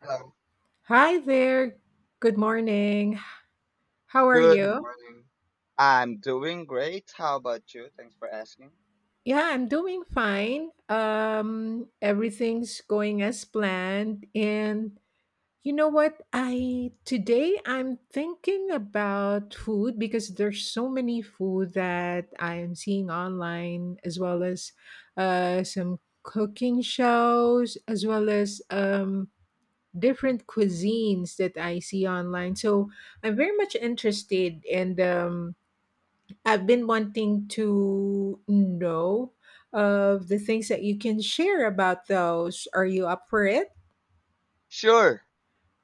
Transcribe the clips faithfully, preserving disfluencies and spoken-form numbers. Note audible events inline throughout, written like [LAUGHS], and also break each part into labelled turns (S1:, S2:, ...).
S1: Um,
S2: Hi there. Good morning. How are
S1: Good
S2: you?
S1: morning. I'm doing great. How about you? Thanks for asking.
S2: Yeah, I'm doing fine. Um everything's going as planned and you know what? I today I'm thinking about food because there's so many food that I am seeing online as well as uh some cooking shows as well as um different cuisines that I see online. So, I'm very much interested and um, I've been wanting to know of the things that you can share about those. Are you up for it?
S1: Sure.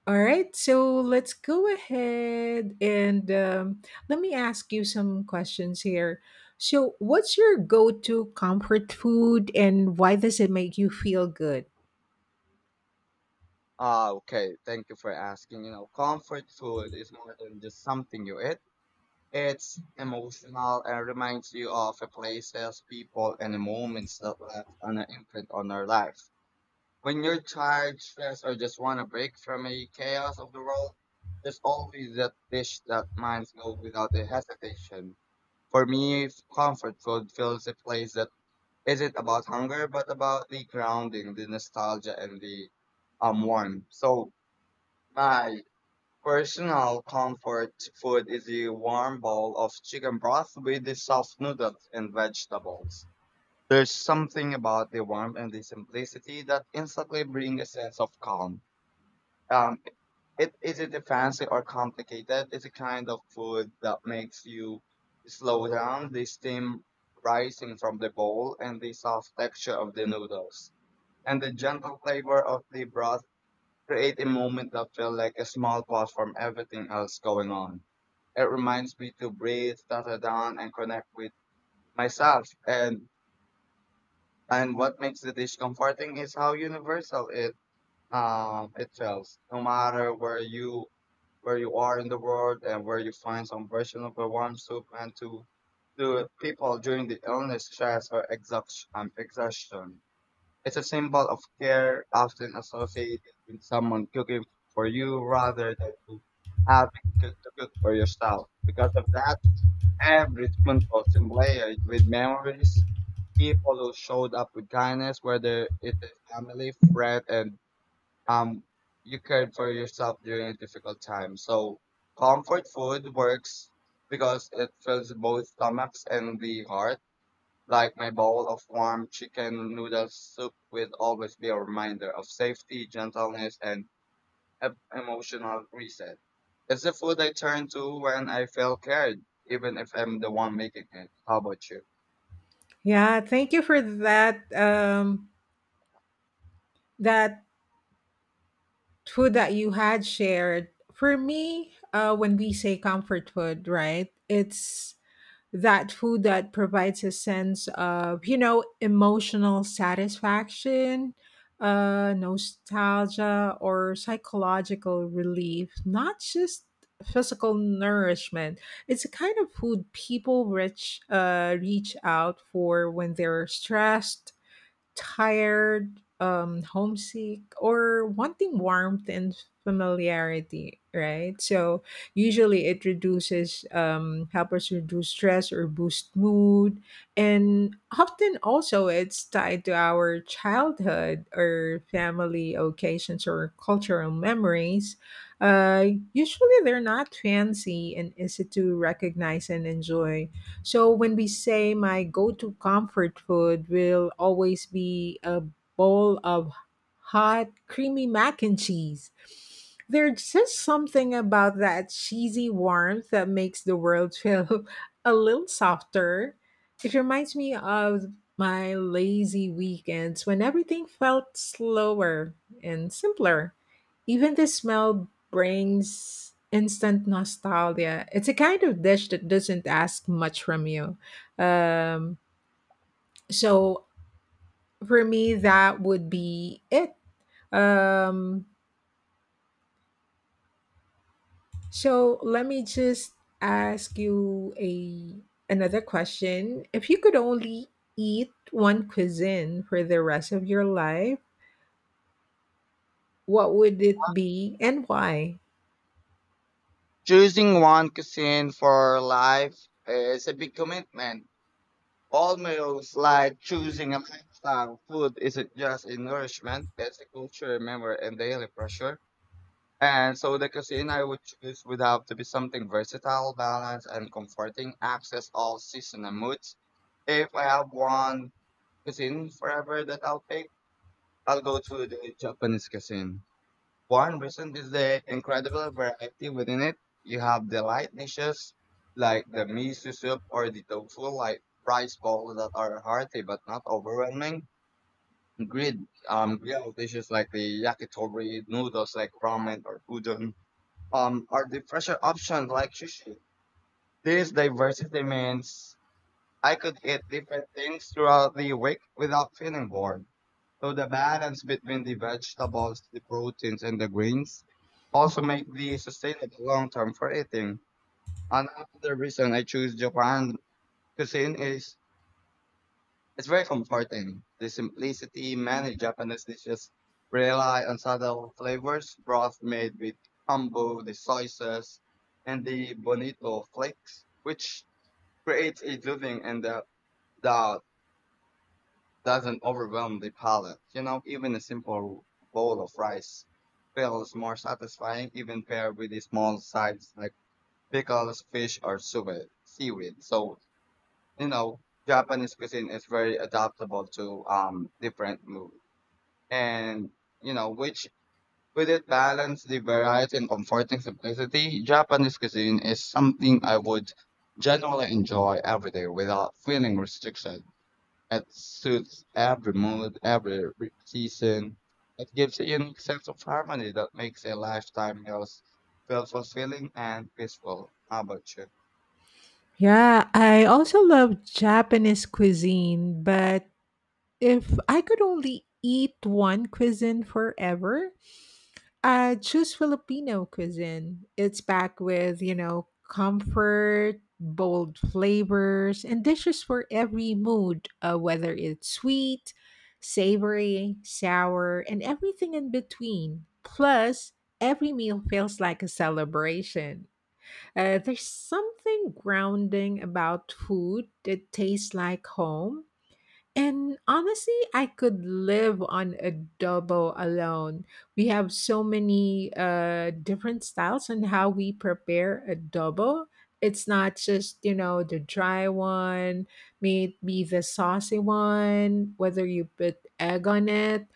S2: All right, so let's go ahead and um, let me ask you some questions here. So, what's your go to comfort food and why does it make you feel good?
S1: Ah, okay. Thank you for asking. You know, comfort food is more than just something you eat. It's emotional and reminds you of the places, people, and the moments that left an imprint on our life. When you're tired, stressed, or just want a break from the chaos of the world, there's always that dish that minds go without a hesitation. For me, f- comfort food fills a place that isn't about hunger, but about the grounding, the nostalgia, and the um warmth. So my personal comfort food is a warm bowl of chicken broth with the soft noodles and vegetables. There's something about the warmth and the simplicity that instantly bring a sense of calm. Um, it isn't a fancy or complicated. It's a kind of food that makes you slow down the steam rising from the bowl and the soft texture of the noodles and the gentle flavor of the broth create a moment that feels like a small pause from everything else going on. It reminds me to breathe, settle down, and connect with myself. And and what makes the dish comforting is how universal it um it feels. No matter where you where you are in the world and where you find some version of a warm soup and to to people during the illness, stress, or exhaust- um, exhaustion. It's a symbol of care, often associated with someone cooking for you rather than you having to to cook for yourself. Because of that, every spoonful is layered with memories, people who showed up with kindness, whether it is family, friend, and um, you cared for yourself during a difficult time. So, comfort food works because it fills both stomachs and the heart like my bowl of warm chicken noodle soup will always be a reminder of safety, gentleness, and e- emotional reset. It's the food I turn to when I feel carried, even if I'm the one making it. How about you?
S2: Yeah, thank you for that. Um, that food that you had shared. For me, uh, when we say comfort food, right? It's that food that provides a sense of you know emotional satisfaction, uh nostalgia, or psychological relief, not just physical nourishment. It's a kind of food people reach uh reach out for when they're stressed, tired, um, homesick, or wanting warmth and familiarity, right? So usually it reduces, um, help us reduce stress or boost mood. And often also it's tied to our childhood or family occasions or cultural memories. Uh, usually they're not fancy and easy to recognize and enjoy, so when we say my go-to comfort food will always be a bowl of hot creamy mac and cheese. There's just something about that cheesy warmth that makes the world feel [LAUGHS] a little softer. It reminds me of my lazy weekends when everything felt slower and simpler. Even the smell brings instant nostalgia. It's a kind of dish that doesn't ask much from you. Um, so for me, that would be it. Um, so let me just ask you a another question. If you could only eat one cuisine for the rest of your life, what would it be and why?
S1: Choosing one cuisine for life is a big commitment. Almost like choosing a lifestyle. Food isn't just a nourishment, it's a culture, remember, and daily pressure. And so the cuisine I would choose would have to be something versatile, balanced, and comforting, access all season and moods. If I have one cuisine forever that I'll pick, I'll go to the Japanese cuisine. One reason is the incredible variety within it. You have the light dishes like the miso soup or the tofu like rice balls that are hearty but not overwhelming. Grilled um grilled dishes like the yakitori, noodles like ramen or udon um are the fresher options like sushi. This diversity means I could eat different things throughout the week without feeling bored. So the balance between the vegetables, the proteins, and the greens also make the sustainable long term for eating. Another reason I choose Japan cuisine is it's very comforting. The simplicity many Japanese dishes rely on subtle flavors, broth made with kombu, the soy sauce, and the bonito flakes, which creates a soothing and the that doesn't overwhelm the palate. You know, even a simple bowl of rice feels more satisfying, even paired with the small sides like pickles, fish, or suwe- seaweed. So, you know, Japanese cuisine is very adaptable to um different moods. And you know which with it balance the variety and comforting simplicity, Japanese cuisine is something I would generally enjoy every day without feeling restriction. It suits every mood, every re- season. It gives a unique sense of harmony that makes a lifetime meals feel fulfilling and peaceful. How about you?
S2: Yeah, I also love Japanese cuisine, but if I could only eat one cuisine forever, I'd choose Filipino cuisine. It's packed with, you know, comfort, bold flavors, and dishes for every mood, uh, whether it's sweet, savory, sour, and everything in between. Plus, every meal feels like a celebration. Uh, there's something grounding about food that tastes like home, and honestly, I could live on adobo alone. We have so many uh, different styles on how we prepare adobo. It's not just, you know, the dry one, maybe the saucy one, whether you put egg on it.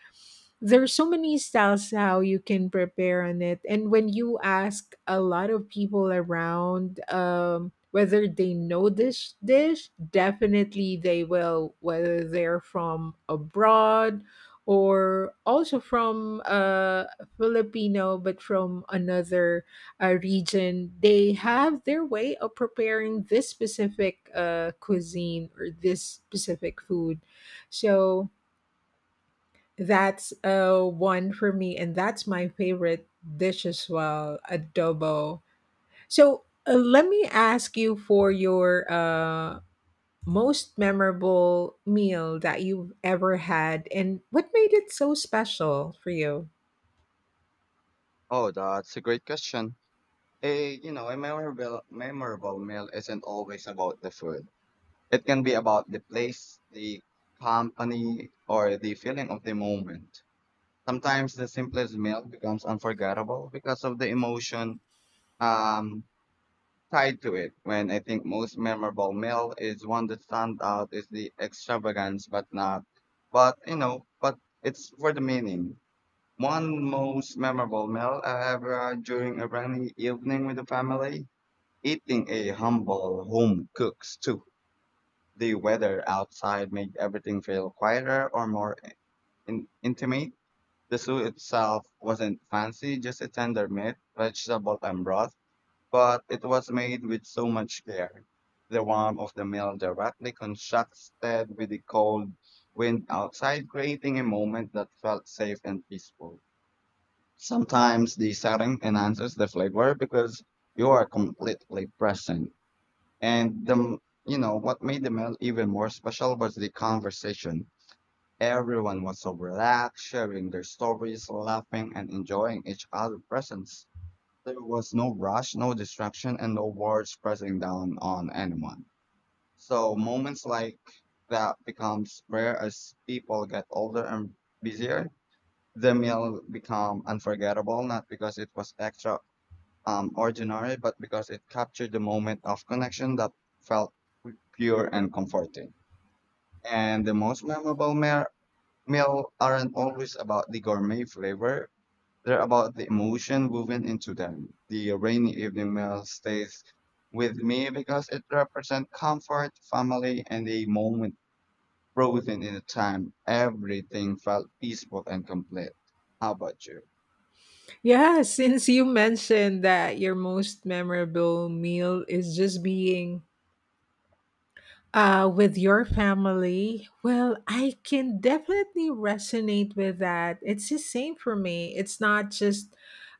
S2: There's so many styles how you can prepare on it. And when you ask a lot of people around, um whether they know this dish, definitely they will, whether they're from abroad or also from uh Filipino but from another uh, region, they have their way of preparing this specific uh cuisine or this specific food. So that's uh, one for me, and that's my favorite dish as well, adobo. So uh, let me ask you for your uh, most memorable meal that you've ever had, and what made it so special for you?
S1: Oh, that's a great question. A you know a memorable memorable meal isn't always about the food. It can be about the place, the company, or the feeling of the moment. Sometimes the simplest meal becomes unforgettable because of the emotion um, tied to it. When I think most memorable meal is one that stands out is the extravagance, but not, but you know, but it's for the meaning. One most memorable meal I ever had during a rainy evening with the family, eating a humble home cooked stew, the weather outside made everything feel quieter or more in- intimate. The soup itself wasn't fancy, just a tender meat, vegetable, and broth, but it was made with so much care. The warmth of the meal directly contrasted with the cold wind outside, creating a moment that felt safe and peaceful. Sometimes the setting enhances the flavor because you are completely present. And the you know what made the meal even more special was the conversation. Everyone was so relaxed, sharing their stories, laughing, and enjoying each other's presence. There was no rush, no distraction, and no words pressing down on anyone. So moments like that becomes rare as people get older and busier. The meal become unforgettable not because it was extra um, ordinary, but because it captured the moment of connection that felt pu- pure and comforting. And the most memorable mer- meal aren't always about the gourmet flavor. They're about the emotion woven into them. The rainy evening meal stays with me because it represents comfort, family, and a moment frozen in the time. Everything felt peaceful and complete. How about you?
S2: Yeah, [LAUGHS] since you mentioned that your most memorable meal is just being Uh, with your family, well, I can definitely resonate with that. It's the same for me. It's not just,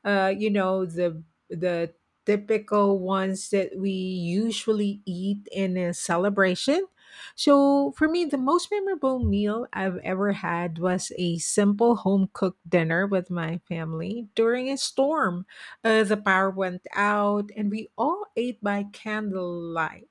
S2: uh, you know, the the typical ones that we usually eat in a celebration. So for me, the most memorable meal I've ever had was a simple home cooked dinner with my family during a storm. Uh, the power went out, and we all ate by candlelight,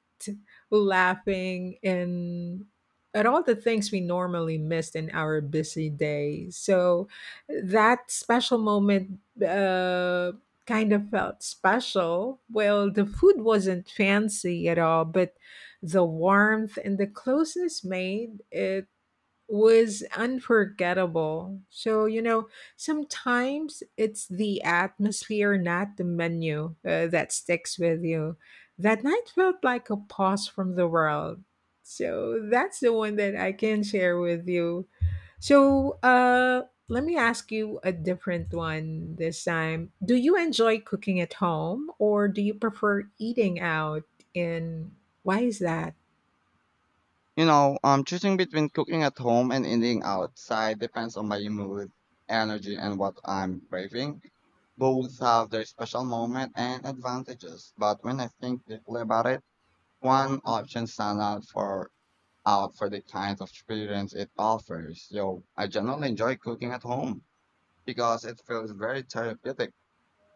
S2: laughing and at all the things we normally missed in our busy day. So that special moment uh, kind of felt special. Well, the food wasn't fancy at all, but the warmth and the closeness made it was unforgettable. So, you know, sometimes it's the atmosphere, not the menu, uh, that sticks with you. That night felt like a pause from the world. So, that's the one that I can share with you. So, uh, let me ask you a different one this time. Do you enjoy cooking at home, or do you prefer eating out? And why is that?
S1: You know, um, choosing between cooking at home and eating outside depends on my mood, energy, and what I'm craving. Both have their special moment and advantages, but when I think deeply about it, one option stands out for out for the kind of experience it offers. Yo, I generally enjoy cooking at home because it feels very therapeutic.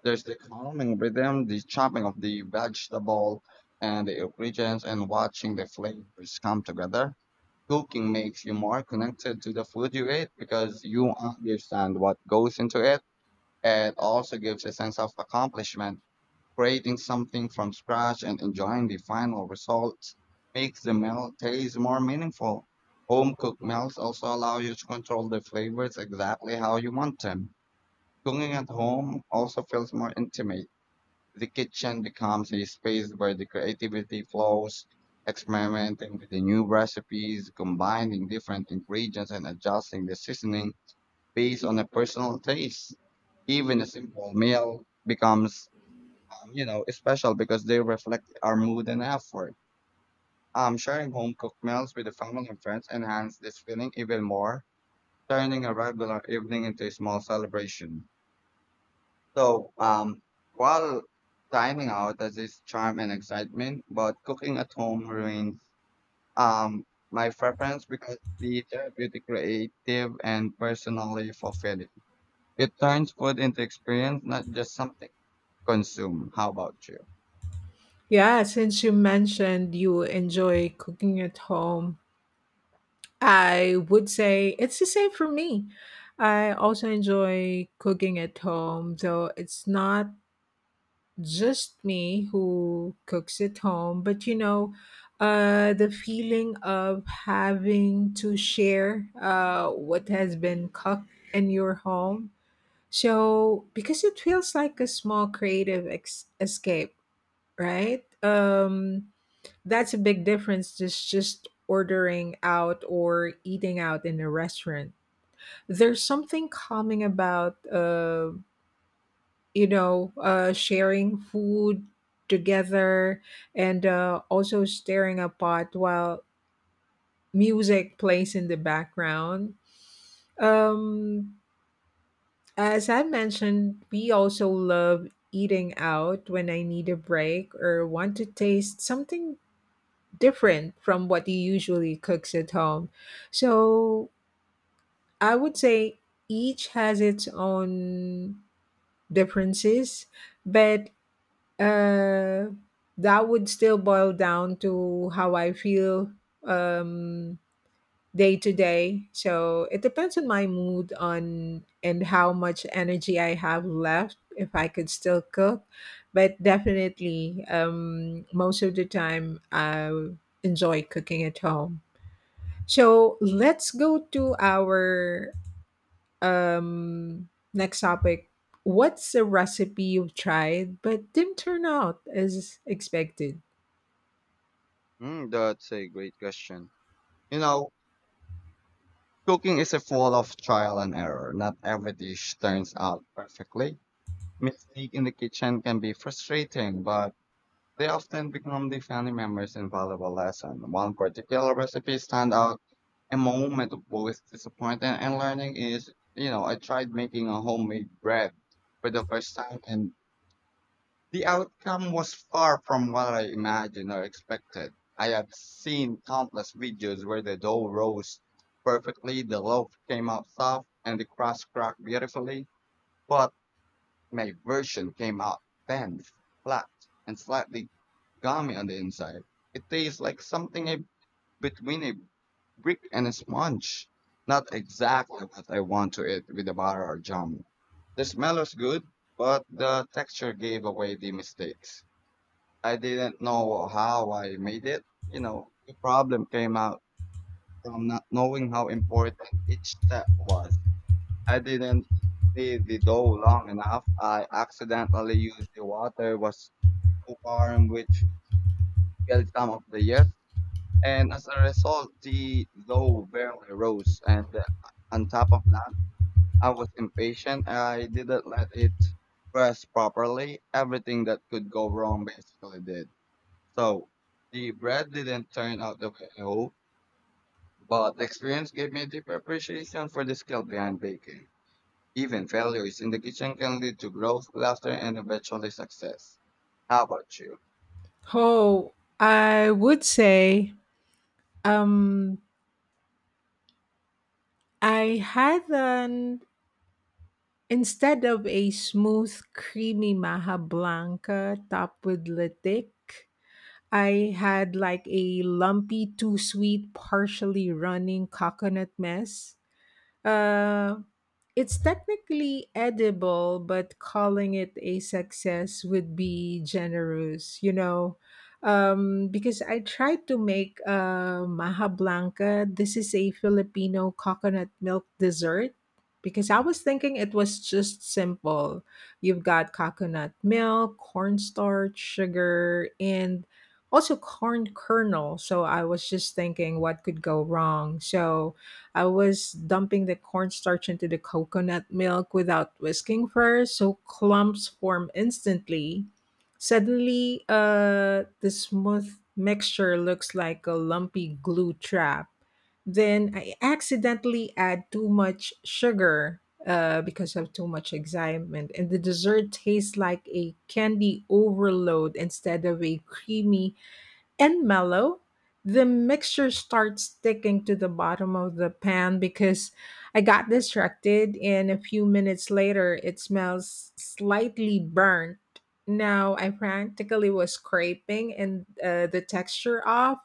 S1: There's the calming rhythm, the chopping of the vegetable and the ingredients, and watching the flavors come together. Cooking makes you more connected to the food you eat because you understand what goes into it. It also gives a sense of accomplishment. Creating something from scratch and enjoying the final result makes the meal taste more meaningful. Home cooked meals also allow you to control the flavors exactly how you want them. Cooking at home also feels more intimate. The kitchen becomes a space where the creativity flows, experimenting with the new recipes, combining different ingredients, and adjusting the seasoning based on a personal taste. Even a simple meal becomes, um, you know, special because they reflect our mood and effort. Um, sharing home cooked meals with the family and friends enhance this feeling even more, turning a regular evening into a small celebration. So, um, while dining out has its charm and excitement, but cooking at home remains um, my preference because the therapeutic, creative, and personally fulfilling. It turns food into experience, not just something consume. How about you?
S2: Yeah, since you mentioned you enjoy cooking at home, I would say it's the same for me. I also enjoy cooking at home, though it's not just me who cooks at home, but you know, uh, the feeling of having to share uh, what has been cooked in your home. So, because it feels like a small creative ex- escape, right? Um, that's a big difference, just just ordering out or eating out in a restaurant. There's something calming about uh, you know, uh sharing food together, and uh also staring a pot while music plays in the background. Um as I mentioned, we also love eating out when I need a break or want to taste something different from what he usually cooks at home. So I would say each has its own differences, but uh, that would still boil down to how I feel, um, day to day. So it depends on my mood on and how much energy I have left if I could still cook. But definitely, um, most of the time, I enjoy cooking at home. So let's go to our um, next topic. What's a recipe you've tried but didn't turn out as expected?
S1: Mm, that's a great question. You know, cooking is a full of trial and error. Not every dish turns out perfectly. Mistake in the kitchen can be frustrating, but they often become the family member's invaluable lesson. One particular recipe stand out. A moment of both disappointment and learning is, you know, I tried making a homemade bread for the first time and the outcome was far from what I imagined or expected. I have seen countless videos where the dough rose perfectly, the loaf came out soft, and the crust cracked beautifully. But my version came out bent, flat, and slightly gummy on the inside. It tastes like something a, between a brick and a sponge. Not exactly what I want to eat with a butter or jam. The smell was good, but the texture gave away the mistakes. I didn't know how I made it. You know, the problem came out from not knowing how important each step was. I didn't leave the dough long enough. I accidentally used the water was too warm, which killed some of the yeast, and as a result, the dough barely rose. And uh, On top of that, I was impatient. I didn't let it rest properly. Everything that could go wrong basically did. So the bread didn't turn out the way I hoped, but the experience gave me a deeper appreciation for the skill behind baking. Even failures in the kitchen can lead to growth, laughter, and eventually success. How about you?
S2: Oh, I would say um, I had an instead of a smooth, creamy maha blanca topped with latik, I had like a lumpy, too sweet, partially running coconut mess. Uh, it's technically edible, but calling it a success would be generous, you know. Um, because I tried to make uh, maha blanca. This is a Filipino coconut milk dessert. Because I was thinking it was just simple. You've got coconut milk, cornstarch, sugar, and also corn kernel. So I was just thinking what could go wrong. So I was dumping the cornstarch into the coconut milk without whisking first, so clumps form instantly. Suddenly, uh, the smooth mixture looks like a lumpy glue trap. Then I accidentally add too much sugar uh, because of too much excitement, and the dessert tastes like a candy overload instead of a creamy and mellow. The mixture starts sticking to the bottom of the pan because I got distracted, and a few minutes later, it smells slightly burnt. Now, I practically was scraping and uh, the texture off.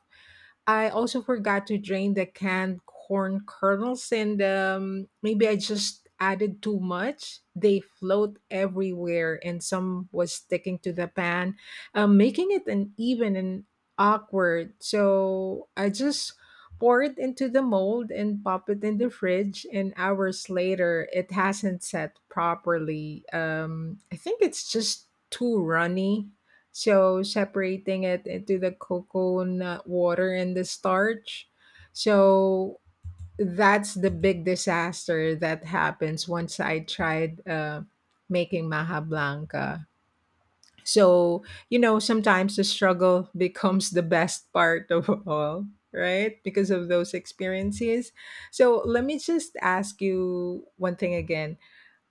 S2: I also forgot to drain the canned corn kernels, and um, maybe I just added too much. They float everywhere, and some was sticking to the pan, um, making it uneven and awkward. So I just pour it into the mold and pop it in the fridge, and hours later it hasn't set properly. um I think it's just too runny, so separating it into the coconut water and the starch. So that's the big disaster that happens once I tried uh, making maha blanca. So, you know, sometimes the struggle [LAUGHS] becomes the best part of [LAUGHS] all, right? Because of those experiences. So, let me just ask you one thing again.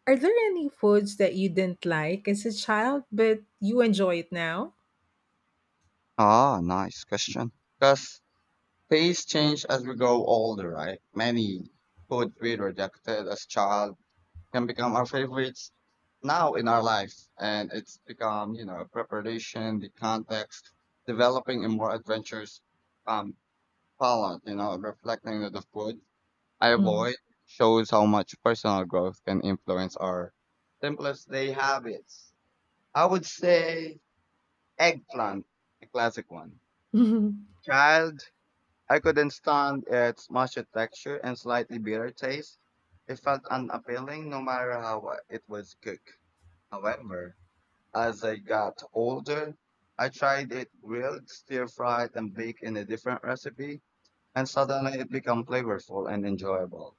S2: Are there any foods that you didn't like as a child, but you enjoy it now?
S1: Ah, nice question. Because tastes change as we grow older, right? Many foods we rejected as child can become our favorites now in our lives. And it's become, you know, preparation, the context, developing a more adventurous um, palate, you know, reflecting on the food I
S2: Mm.
S1: avoid shows how much personal growth can influence our simplest day habits. I would say eggplant, a classic one.
S2: [LAUGHS]
S1: Child, I couldn't stand its mushy texture and slightly bitter taste. It felt unappealing no matter how uh, it was cooked. However, as I got older, I tried it grilled, stir fried, and baked in a different recipe, and suddenly it became flavorful and enjoyable.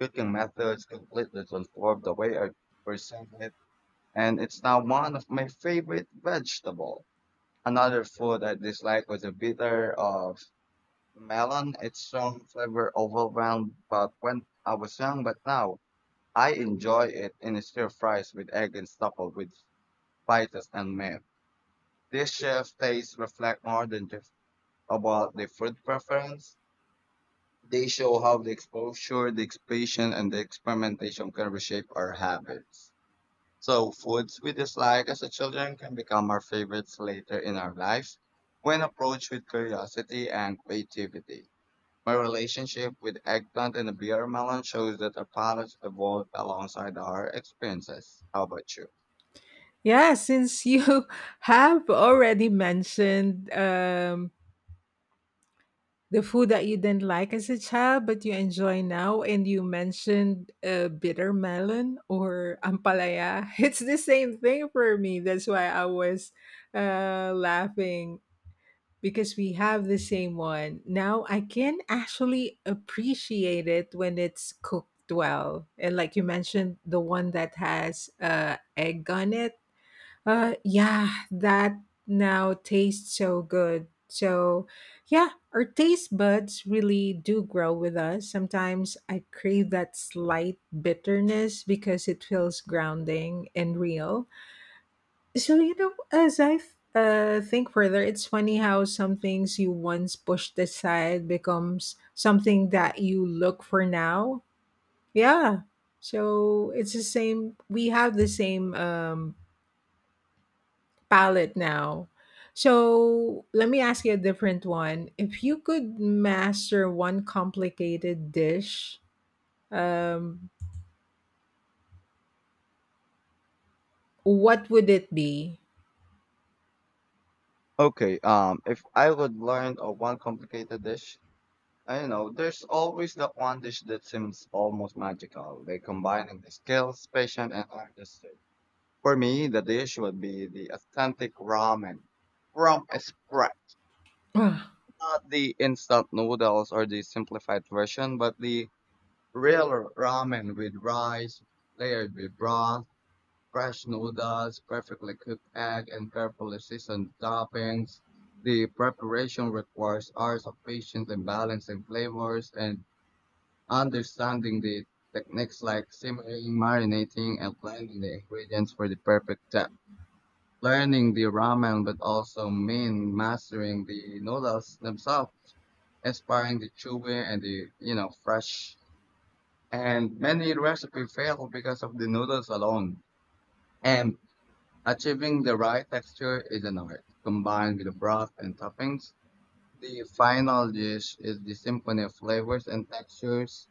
S1: Cooking methods completely transformed the way I perceive it, and it's now one of my favorite vegetable. Another food I dislike was the bitter of melon. Its strong flavor overwhelmed, but when I was young, but now I enjoy it in stir fries with egg and stuffed with spices and milk. This chef tastes reflect more than just about the food preference. They show how the exposure, the expression, and the experimentation can reshape our habits. So, foods we dislike as a children can become our favorites later in our life when approached with curiosity and creativity. My relationship with eggplant and the beer melon shows that our palates evolved alongside our experiences. How about you?
S2: Yeah, since you [LAUGHS] have already mentioned um, the food that you didn't like as a child, but you enjoy now, and you mentioned uh, bitter melon or ampalaya. [LAUGHS] It's the same thing for me. That's why I was uh, laughing. Because we have the same one. Now I can actually appreciate it when it's cooked well. And like you mentioned, the one that has uh, egg on it. Uh, yeah, that now tastes so good. So, yeah, our taste buds really do grow with us. Sometimes I crave that slight bitterness because it feels grounding and real. So, you know, as I uh, think further, it's funny how some things you once pushed aside becomes something that you look for now. Yeah. So it's the same. We have the same um, palette now. So let me ask you a different one. If you could master one complicated dish, um, what would it be?
S1: Okay, um, if I would learn of one complicated dish, I don't know, there's always that one dish that seems almost magical. They combining the skills, patience, and artistry. For me, the dish would be the authentic ramen from scratch,
S2: [SIGHS]
S1: not the instant noodles or the simplified version, but the real ramen with rice, layered with broth, fresh noodles, perfectly cooked egg, and carefully seasoned toppings. The preparation requires hours of patience and balancing flavors and understanding the techniques like simmering, marinating, and blending the ingredients for the perfect texture. Learning the ramen, but also mean mastering the noodles themselves, inspiring the chewy and the, you know, fresh. And many recipes fail because of the noodles alone. And achieving the right texture is an art. Combined with the broth and toppings, the final dish is the symphony of flavors and textures.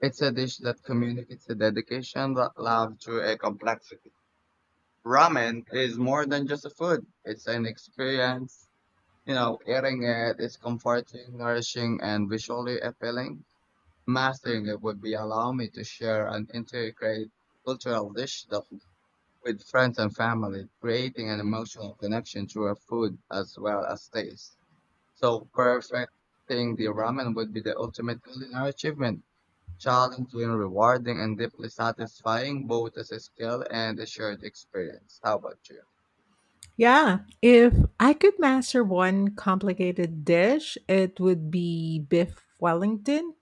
S1: It's a dish that communicates the dedication that love to a complexity. Ramen is more than just a food. It's an experience. You know, eating it is comforting, nourishing, and visually appealing. Mastering it would be allow me to share and integrate cultural dish that, with friends and family, creating an emotional connection through a food as well as taste. So perfecting the ramen would be the ultimate culinary achievement, challenging, rewarding, and deeply satisfying both as a skill and a shared experience. How about you?
S2: Yeah, if I could master one complicated dish, it would be beef Wellington.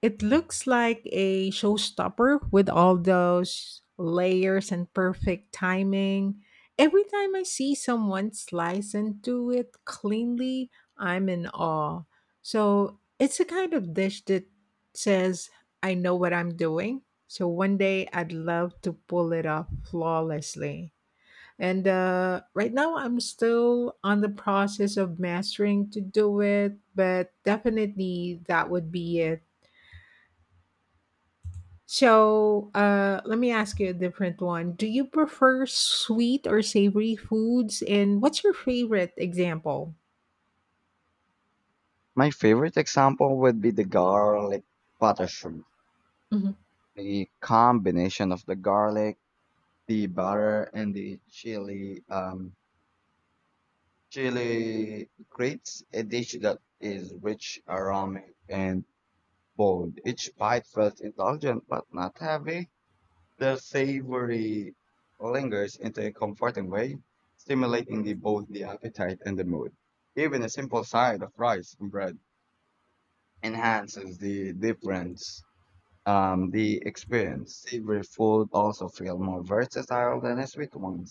S2: It looks like a showstopper with all those layers and perfect timing. Every time I see someone slice into it cleanly, I'm in awe. So it's a kind of dish that says, I know what I'm doing. So one day I'd love to pull it off flawlessly. And uh, right now, I'm still on the process of mastering to do it, but definitely that would be it. So uh, let me ask you a different one. Do you prefer sweet or savory foods? And what's your favorite example?
S1: My favorite example would be the garlic butter shrimp. The combination of the garlic, the butter, and the chili um, chili creates a dish that is rich, aromatic, and bold. Each bite feels indulgent but not heavy. The savory lingers into a comforting way, stimulating the, both the appetite and the mood. Even a simple side of rice and bread enhances the difference. Um, the experience. Savory food also feel more versatile than the sweet ones.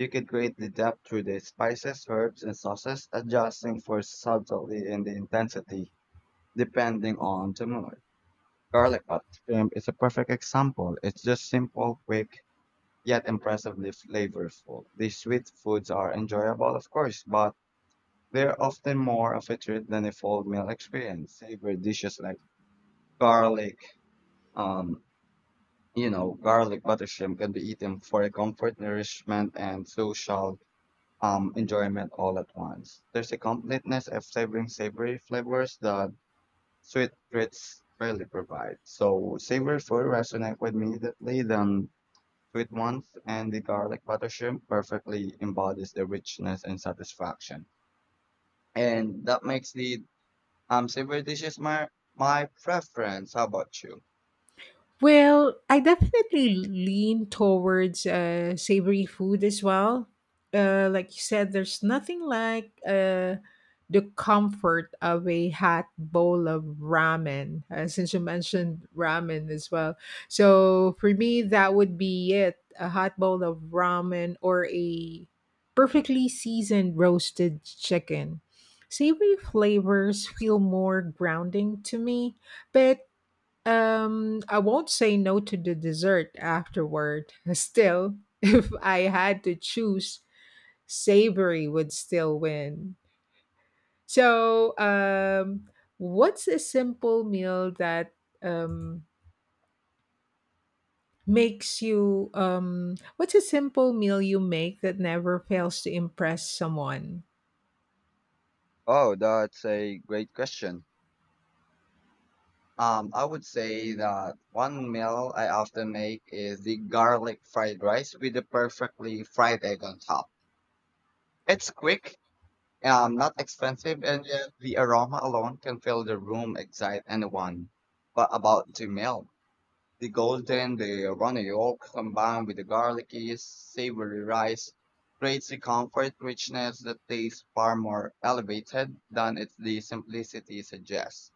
S1: You could create the depth through the spices, herbs, and sauces, adjusting for subtlety and the intensity depending on the mood. Garlic butter shrimp is a perfect example. It's just simple, quick, yet impressively flavorful. These sweet foods are enjoyable, of course, but they're often more of a treat than a full meal experience. Savory dishes like garlic, um, you know, garlic butter shrimp can be eaten for a comfort, nourishment, and social um, enjoyment all at once. There's a completeness of savoring savory flavors that sweet treats rarely provide. So savory food resonate with me immediately than sweet ones, and the garlic butter shrimp perfectly embodies the richness and satisfaction. And that makes the um, savory dishes my my preference. How about you?
S2: Well, I definitely lean towards uh, savory food as well. Uh, like you said, there's nothing like uh, the comfort of a hot bowl of ramen, uh, since you mentioned ramen as well. So for me, that would be it, a hot bowl of ramen or a perfectly seasoned roasted chicken. Savory flavors feel more grounding to me, but um, I won't say no to the dessert afterward. [LAUGHS] Still, if I had to choose, savory would still win. So, um, what's a simple meal that um makes you um what's a simple meal you make that never fails to impress someone?
S1: Oh, that's a great question. Um, I would say that one meal I often make is the garlic fried rice with the perfectly fried egg on top. It's quick, um, not expensive, and yet the aroma alone can fill the room, excite anyone. But about the meal, the golden, the runny yolk combined with the garlicky, savory rice creates the comfort richness that tastes far more elevated than its the simplicity suggests.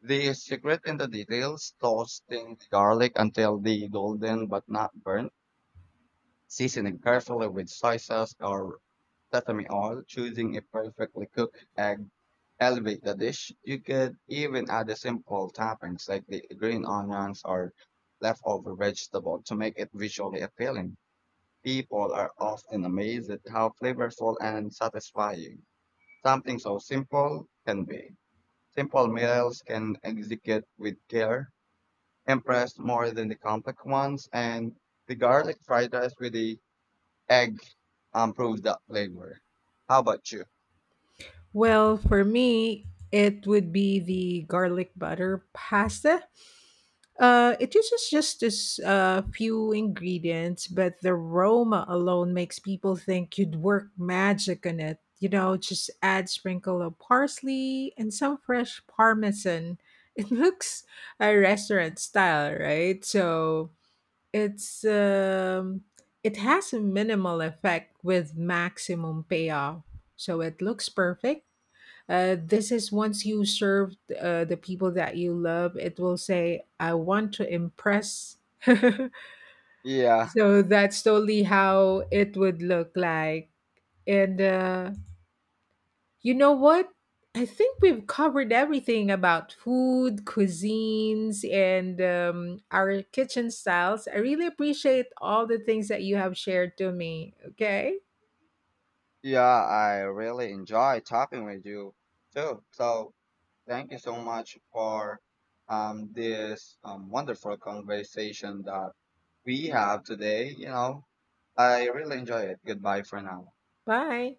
S1: The secret in the details, toasting the garlic until the golden but not burnt, seasoning carefully with soy sauce or sesame oil, choosing a perfectly cooked egg, elevate the dish. You could even add a simple toppings like the green onions or leftover vegetable to make it visually appealing. People are often amazed at how flavorful and satisfying something so simple can be. Simple meals can execute with care impressed more than the complex ones, and the garlic fried rice with the egg um, proved that flavor. How about you?
S2: Well, for me, it would be the garlic butter pasta. Uh, it uses just as uh, few ingredients, but the aroma alone makes people think you'd work magic on it. You know, just add sprinkle of parsley and some fresh parmesan. [LAUGHS] It looks a restaurant style, right? So it's um, it has a minimal effect with maximum payoff. So it looks perfect. uh, this is once you serve uh, the people that you love, it will say, I want to impress. [LAUGHS]
S1: Yeah,
S2: So that's totally how it would look like. And uh, you know what? I think we've covered everything about food, cuisines, and um, our kitchen styles. I really appreciate all the things that you have shared to me. Okay,
S1: yeah, I really enjoy talking with you too. So, thank you so much for um, this um, wonderful conversation that we have today. You know, I really enjoy it. Goodbye for now.
S2: bye.